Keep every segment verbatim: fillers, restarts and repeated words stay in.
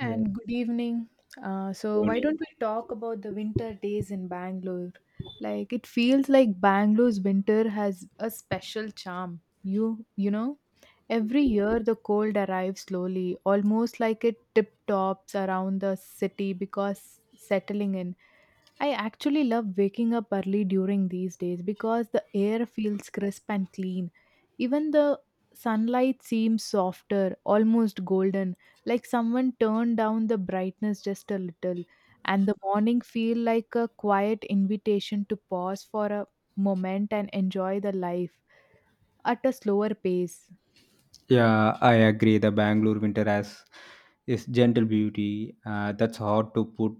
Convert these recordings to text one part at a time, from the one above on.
Yeah, good evening. Uh, so, why Dhoni. don't we talk about the winter days in Bangalore? Like, it feels like Bangalore's winter has a special charm. You, you know, every year the cold arrives slowly, almost like it tip tops around the city because settling in. I actually love waking up early during these days because the air feels crisp and clean. Even the sunlight seems softer, almost golden, like someone turned down the brightness just a little, and the morning feel like a quiet invitation to pause for a moment and enjoy the life at a slower pace. Yeah, I agree. The Bangalore winter has is gentle beauty. Uh, that's hard to put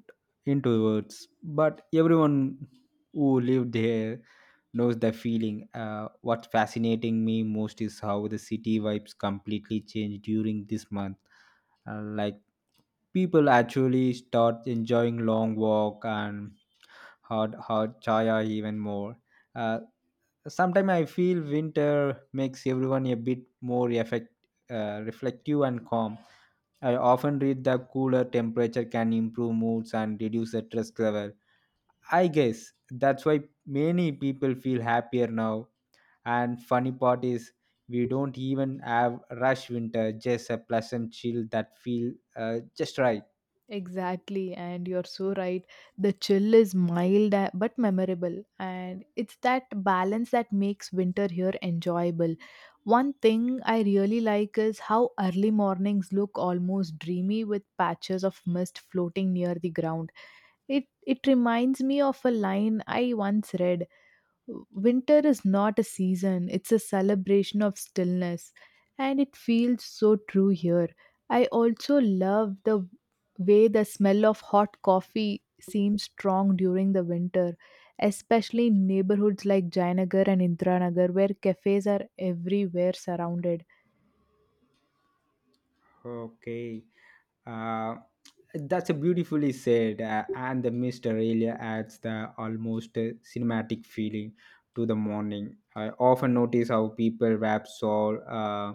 into words, but everyone who lived here knows the feeling. Uh, what's fascinating me most is how the city vibes completely change during this month. Uh, like people actually start enjoying long walk and hard hard chaya even more. Uh, sometimes I feel winter makes everyone a bit more effect, uh, reflective and calm. I often read that cooler temperature can improve moods and reduce the stress level. I guess that's why many people feel happier now, and funny part is we don't even have rush winter, just a pleasant chill that feel uh, just right. Exactly, and you're so right. The chill is mild a- but memorable, and it's that balance that makes winter here enjoyable. One thing I really like is how early mornings look almost dreamy with patches of mist floating near the ground. It it reminds me of a line I once read, winter is not a season, it's a celebration of stillness, and it feels so true here. I also love the way the smell of hot coffee seems strong during the winter, especially in neighborhoods like Jayanagar and Indranagar, where cafes are everywhere surrounded. Okay. Uh, that's a beautifully said, uh, and the mist really adds the almost uh, cinematic feeling to the morning. I often notice how people wrap shawl, uh,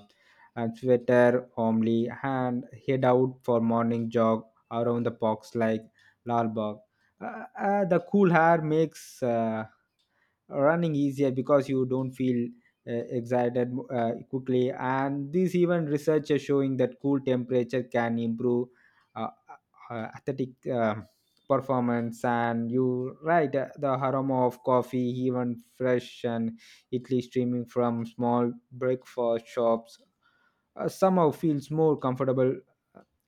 and sweater, warmly and head out for morning jog around the parks like Lalbagh. Uh, uh, the cool air makes uh, running easier because you don't feel uh, excited uh, quickly, and this even research is showing that cool temperature can improve uh, uh, athletic um performance. And you right, uh, the aroma of coffee even fresh and italy streaming from small breakfast shops uh, somehow feels more comfortable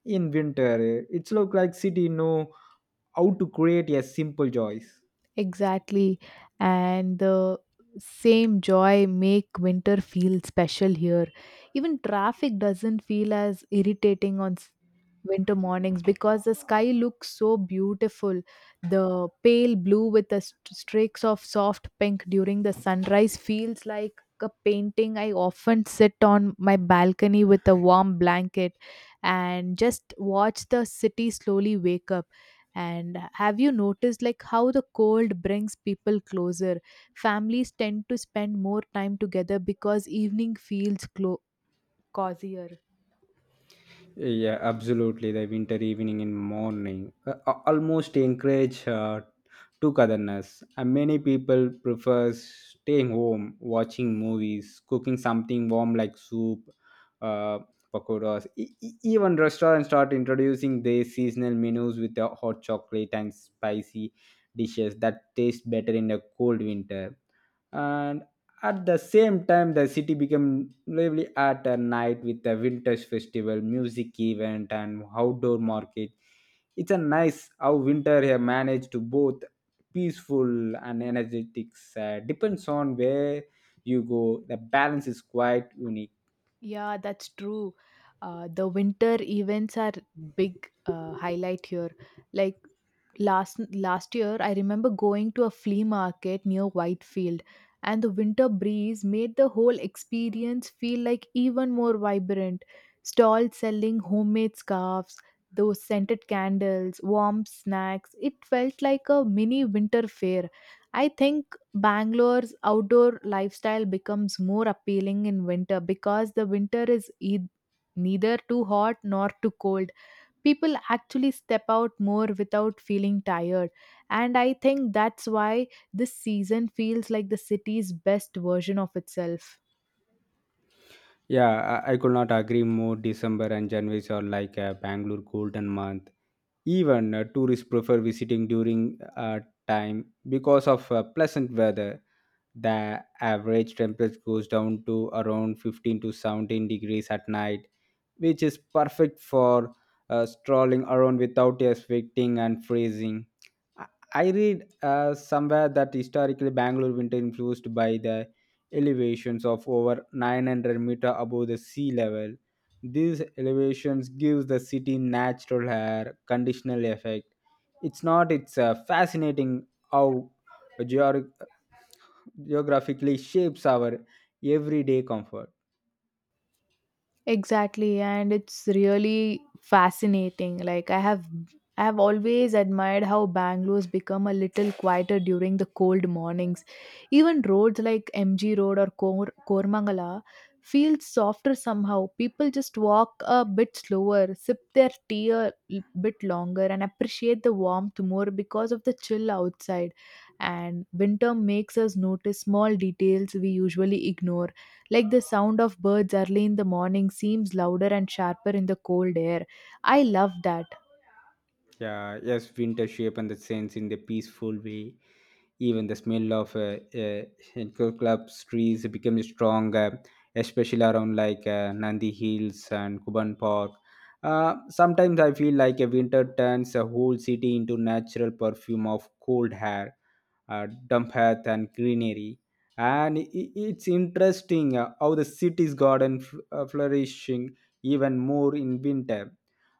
in winter. It's look like city know how to create a simple choice. Exactly. And the same joy make winter feel special here. Even traffic doesn't feel as irritating on s- winter mornings because the sky looks so beautiful. The pale blue with the st- streaks of soft pink during the sunrise feels like a painting. I often sit on my balcony with a warm blanket and just watch the city slowly wake up, and have you noticed like how the cold brings people closer? Families tend to spend more time together because evening feels clo- cozier. Yeah, absolutely. The winter evening and morning uh, a- almost encourage uh, togetherness. And many people prefer staying home, watching movies, cooking something warm like soup, uh, pakoras. E- e- even restaurants start introducing their seasonal menus with the hot chocolate and spicy dishes that taste better in a cold winter. At the same time, the city became lively at a night with a vintage festival, music event, and outdoor market. It's a nice how winter here managed to both peaceful and energetic. Uh, depends on where you go. The balance is quite unique. Yeah, that's true. Uh, the winter events are big uh, highlight here. Like last last year, I remember going to a flea market near Whitefield, and the winter breeze made the whole experience feel like even more vibrant. Stalls selling homemade scarves, those scented candles, warm snacks. It felt like a mini winter fair. I think Bangalore's outdoor lifestyle becomes more appealing in winter because the winter is e- neither too hot nor too cold. People actually step out more without feeling tired, and I think that's why this season feels like the city's best version of itself. Yeah, I, I could not agree more. December and January are like a Bangalore golden month. Even uh, tourists prefer visiting during uh, time because of uh, pleasant weather. The average temperature goes down to around fifteen to seventeen degrees at night, which is perfect for uh, strolling around without expecting and freezing. I I read uh, somewhere that historically Bangalore winter influenced by the elevations of over nine hundred meter above the sea level. These elevations gives the city natural air conditional effect. It's not it's uh, fascinating how geor- geographically shapes our everyday comfort. Exactly, and it's really fascinating. Like I have I have always admired how Bangalore's become a little quieter during the cold mornings. Even roads like M G Road or Kor- Kormangala feel softer somehow. People just walk a bit slower, sip their tea a l- bit longer and appreciate the warmth more because of the chill outside. And winter makes us notice small details we usually ignore. Like the sound of birds early in the morning seems louder and sharper in the cold air. I love that. Yeah, yes, winter shape and the sense in the peaceful way. Even the smell of uh, uh, clubs trees became strong, uh, especially around like uh, Nandi Hills and Kuban Park. Uh, sometimes I feel like a winter turns a whole city into natural perfume of cold air, uh, damp earth, and greenery. And i- i- it's interesting uh, how the city's garden f- uh, flourishing even more in winter.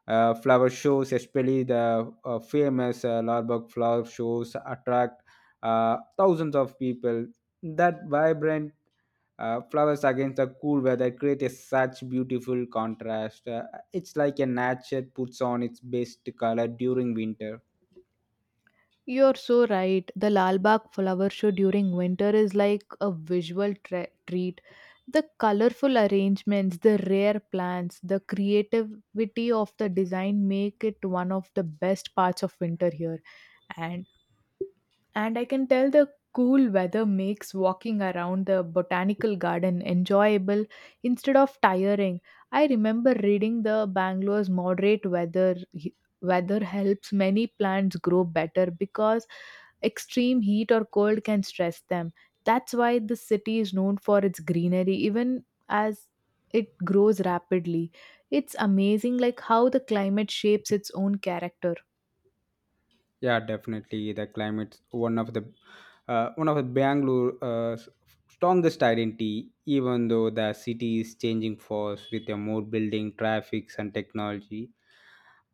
Uh, flower shows, especially the uh, famous uh, Larbagh flower shows, attract uh, thousands of people. That vibrant uh, flowers against the cool weather create a such beautiful contrast. Uh, it's like a nature puts on its best color during winter. You're so right. The Lalbagh flower show during winter is like a visual tre- treat. The colorful arrangements, the rare plants, the creativity of the design make it one of the best parts of winter here. And And I can tell the cool weather makes walking around the botanical garden enjoyable instead of tiring. I remember reading the Bangalore's moderate weather weather helps many plants grow better because extreme heat or cold can stress them. That's why the city is known for its greenery even as it grows rapidly. It's amazing like how the climate shapes its own character. Yeah, definitely the climate's one of the uh, one of the Bangalore uh, s- strongest identity. Even though the city is changing fast with a more building, traffics, and technology,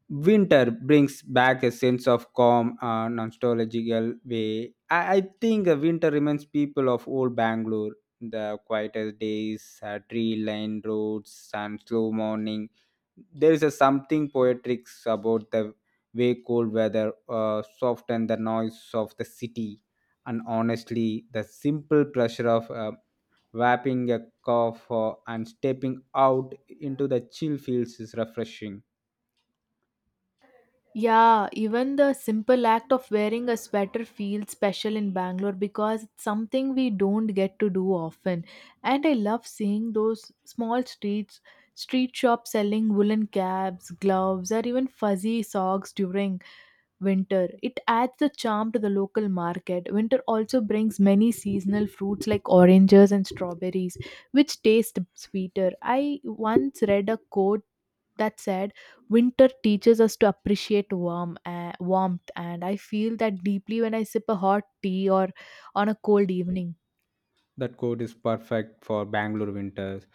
winter brings back a sense of calm and nostalgical way. I, I think uh, winter reminds people of old Bangalore, the quietest days, uh, tree-lined roads, and slow morning. There is a something poetic about the way cold weather uh, softens the noise of the city, and honestly, the simple pleasure of uh, wrapping a cough uh, and stepping out into the chill fields is refreshing. Yeah, even the simple act of wearing a sweater feels special in Bangalore because it's something we don't get to do often. And I love seeing those small streets, street shops selling woolen caps, gloves, or even fuzzy socks during winter. It adds the charm to the local market. Winter also brings many seasonal fruits like oranges and strawberries, which taste sweeter. I once read a quote that said, winter teaches us to appreciate warm uh, warmth, and I feel that deeply when I sip a hot tea or on a cold evening. That coat is perfect for Bangalore winters.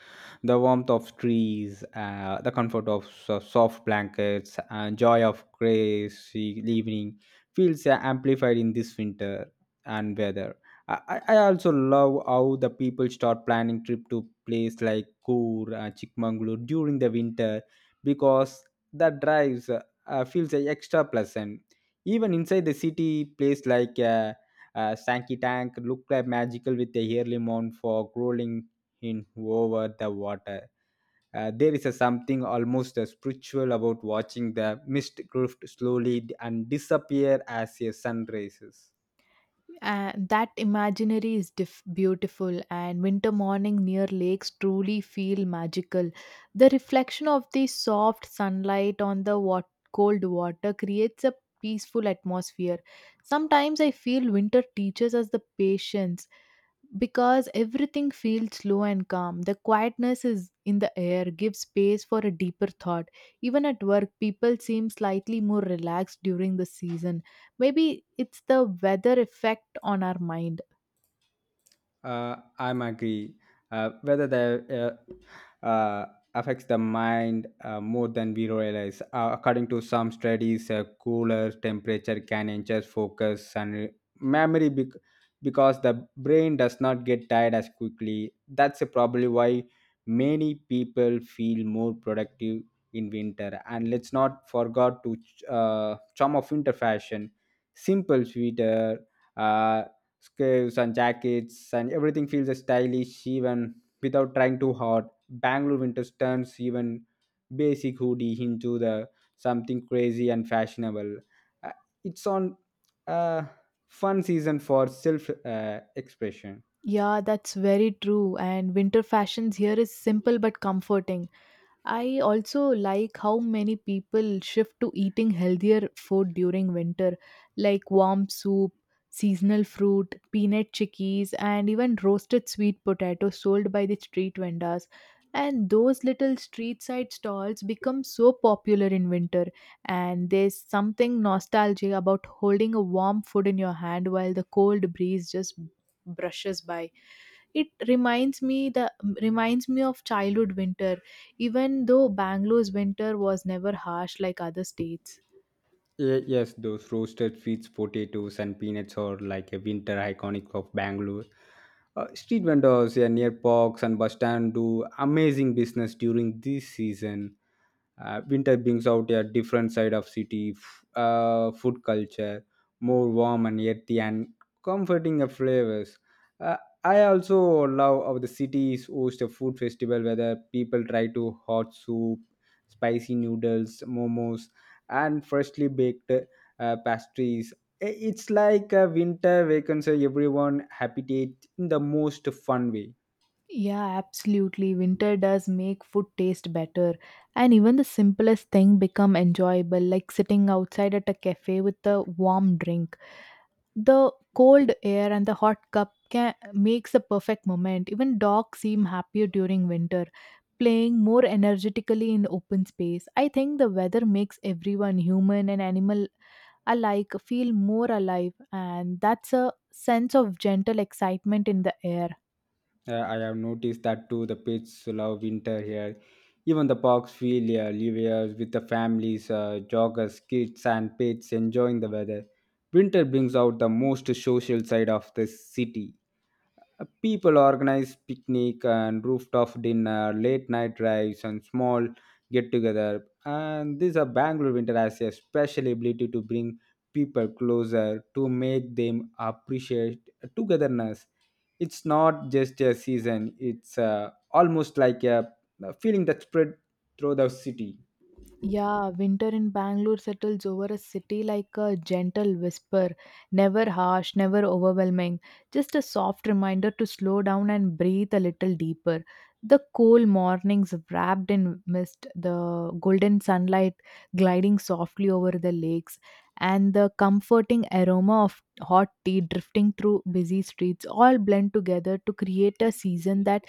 The warmth of trees, uh, the comfort of so- soft blankets, and joy of crazy evening feels uh, amplified in this winter and weather. I, I I also love how the people start planning trip to place like Coor, uh, Chikmagalur during the winter because that drives uh, uh, feels uh, extra pleasant. Even inside the city, place like uh, uh, Sankey Tank looked like magical with a yearly mound for crawling in over the water. Uh, there is a something almost uh, spiritual about watching the mist drift slowly and disappear as a sun rises. And that imaginary is dif- beautiful, and winter morning near lakes truly feel magical. The reflection of the soft sunlight on the wat- cold water creates a peaceful atmosphere. Sometimes I feel winter teaches us the patience because everything feels slow and calm. The quietness is in the air gives space for a deeper thought. Even at work, people seem slightly more relaxed during the season. Maybe it's the weather effect on our mind. Uh, I'm agree. Uh, whether that uh, uh, affects the mind uh, more than we realize. Uh, according to some studies, a cooler temperature can enhance focus and re- memory bec- because the brain does not get tired as quickly. That's probably why many people feel more productive in winter. And let's not forget to ch- uh, charm of winter fashion, simple sweater. Uh, Scarves and jackets and everything feels stylish even without trying too hard. Bangalore winters turns even basic hoodie into the something crazy and fashionable. Uh, it's on a fun season for self uh, expression. Yeah, that's very true. And winter fashions here is simple but comforting. I also like how many people shift to eating healthier food during winter, like warm soup, seasonal fruit, peanut chickies, and even roasted sweet potatoes sold by the street vendors. And those little street side stalls become so popular in winter, and there's something nostalgic about holding a warm food in your hand while the cold breeze just brushes by. It reminds me the reminds me of childhood winter, even though Bangalore's winter was never harsh like other states. Ye- Yes, those roasted sweets, potatoes, and peanuts are like a winter iconic of Bangalore. Uh, street vendors, yeah, near parks and bus stand do amazing business during this season. Uh, winter brings out a different side of city f- uh, food culture, more warm and earthy and comforting of flavors. Uh, i also love how the cities host a food festival where people try to hot soup, spicy noodles, momos, and freshly baked uh, pastries. I- it's like a winter vacancy everyone habitate in the most fun way. Yeah, absolutely, winter does make food taste better, and even the simplest thing become enjoyable like sitting outside at a cafe with a warm drink. The cold air and the hot cup can, makes a perfect moment. Even dogs seem happier during winter, playing more energetically in open space. I think the weather makes everyone, human and animal alike, feel more alive, and that's a sense of gentle excitement in the air. Uh, I have noticed that too. The pets love winter here. Even the parks feel uh, livelier with the families, uh, joggers, kids, and pets enjoying the weather. Winter brings out the most social side of the city. Uh, People organize picnic and rooftop dinner, late night drives, and small get together. And this a Bangalore winter has a special ability to bring people closer to make them appreciate togetherness. It's not just a season; it's uh, almost like a a feeling that spread through the city. Yeah, winter in Bangalore settles over a city like a gentle whisper, never harsh, never overwhelming, just a soft reminder to slow down and breathe a little deeper. The cool mornings wrapped in mist, the golden sunlight gliding softly over the lakes, and the comforting aroma of hot tea drifting through busy streets all blend together to create a season that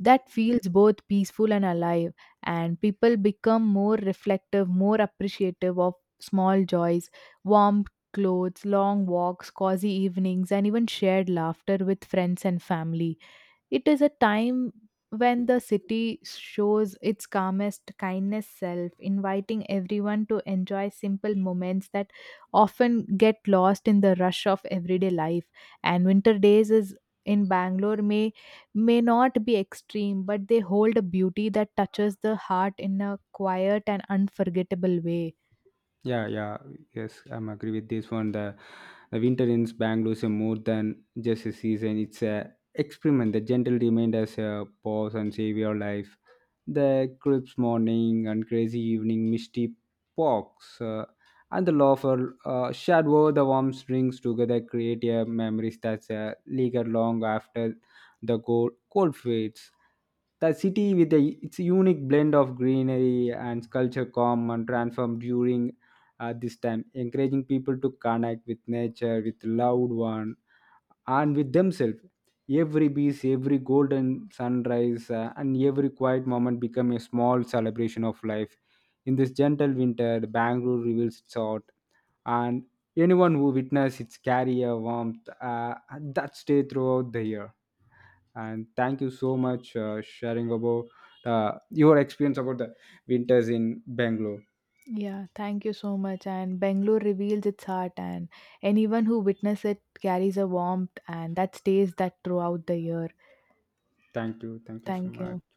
that feels both peaceful and alive, and people become more reflective, more appreciative of small joys, warm clothes, long walks, cozy evenings, and even shared laughter with friends and family. It is a time when the city shows its calmest, kindness self, inviting everyone to enjoy simple moments that often get lost in the rush of everyday life. And winter days is in Bangalore may may not be extreme, but they hold a beauty that touches the heart in a quiet and unforgettable way. Yeah, yeah, yes, I'm agree with this one. The, the winter in Bangalore is a more than just a season; it's a experiment. The gentle remained as a pause and save your life. The crisp morning and crazy evening, misty walks, uh, and the laughter uh, shared over the warm strings together create a memories that's uh, linger long after the cold, cold fades. The city with a, its unique blend of greenery and culture calm and transformed during at this time encouraging people to connect with nature, with loved one, and with themselves. Every beach, every golden sunrise, uh, and every quiet moment become a small celebration of life. In this gentle winter, the Bangalore reveals its heart, and anyone who witness its carry a warmth uh, that stay throughout the year. And thank you so much, uh, sharing about uh, your experience about the winters in Bangalore. Yeah, thank you so much. And Bangalore reveals its heart, and anyone who witnesses it carries a warmth, and that stays that throughout the year. Thank you, thank you so Thank you. much.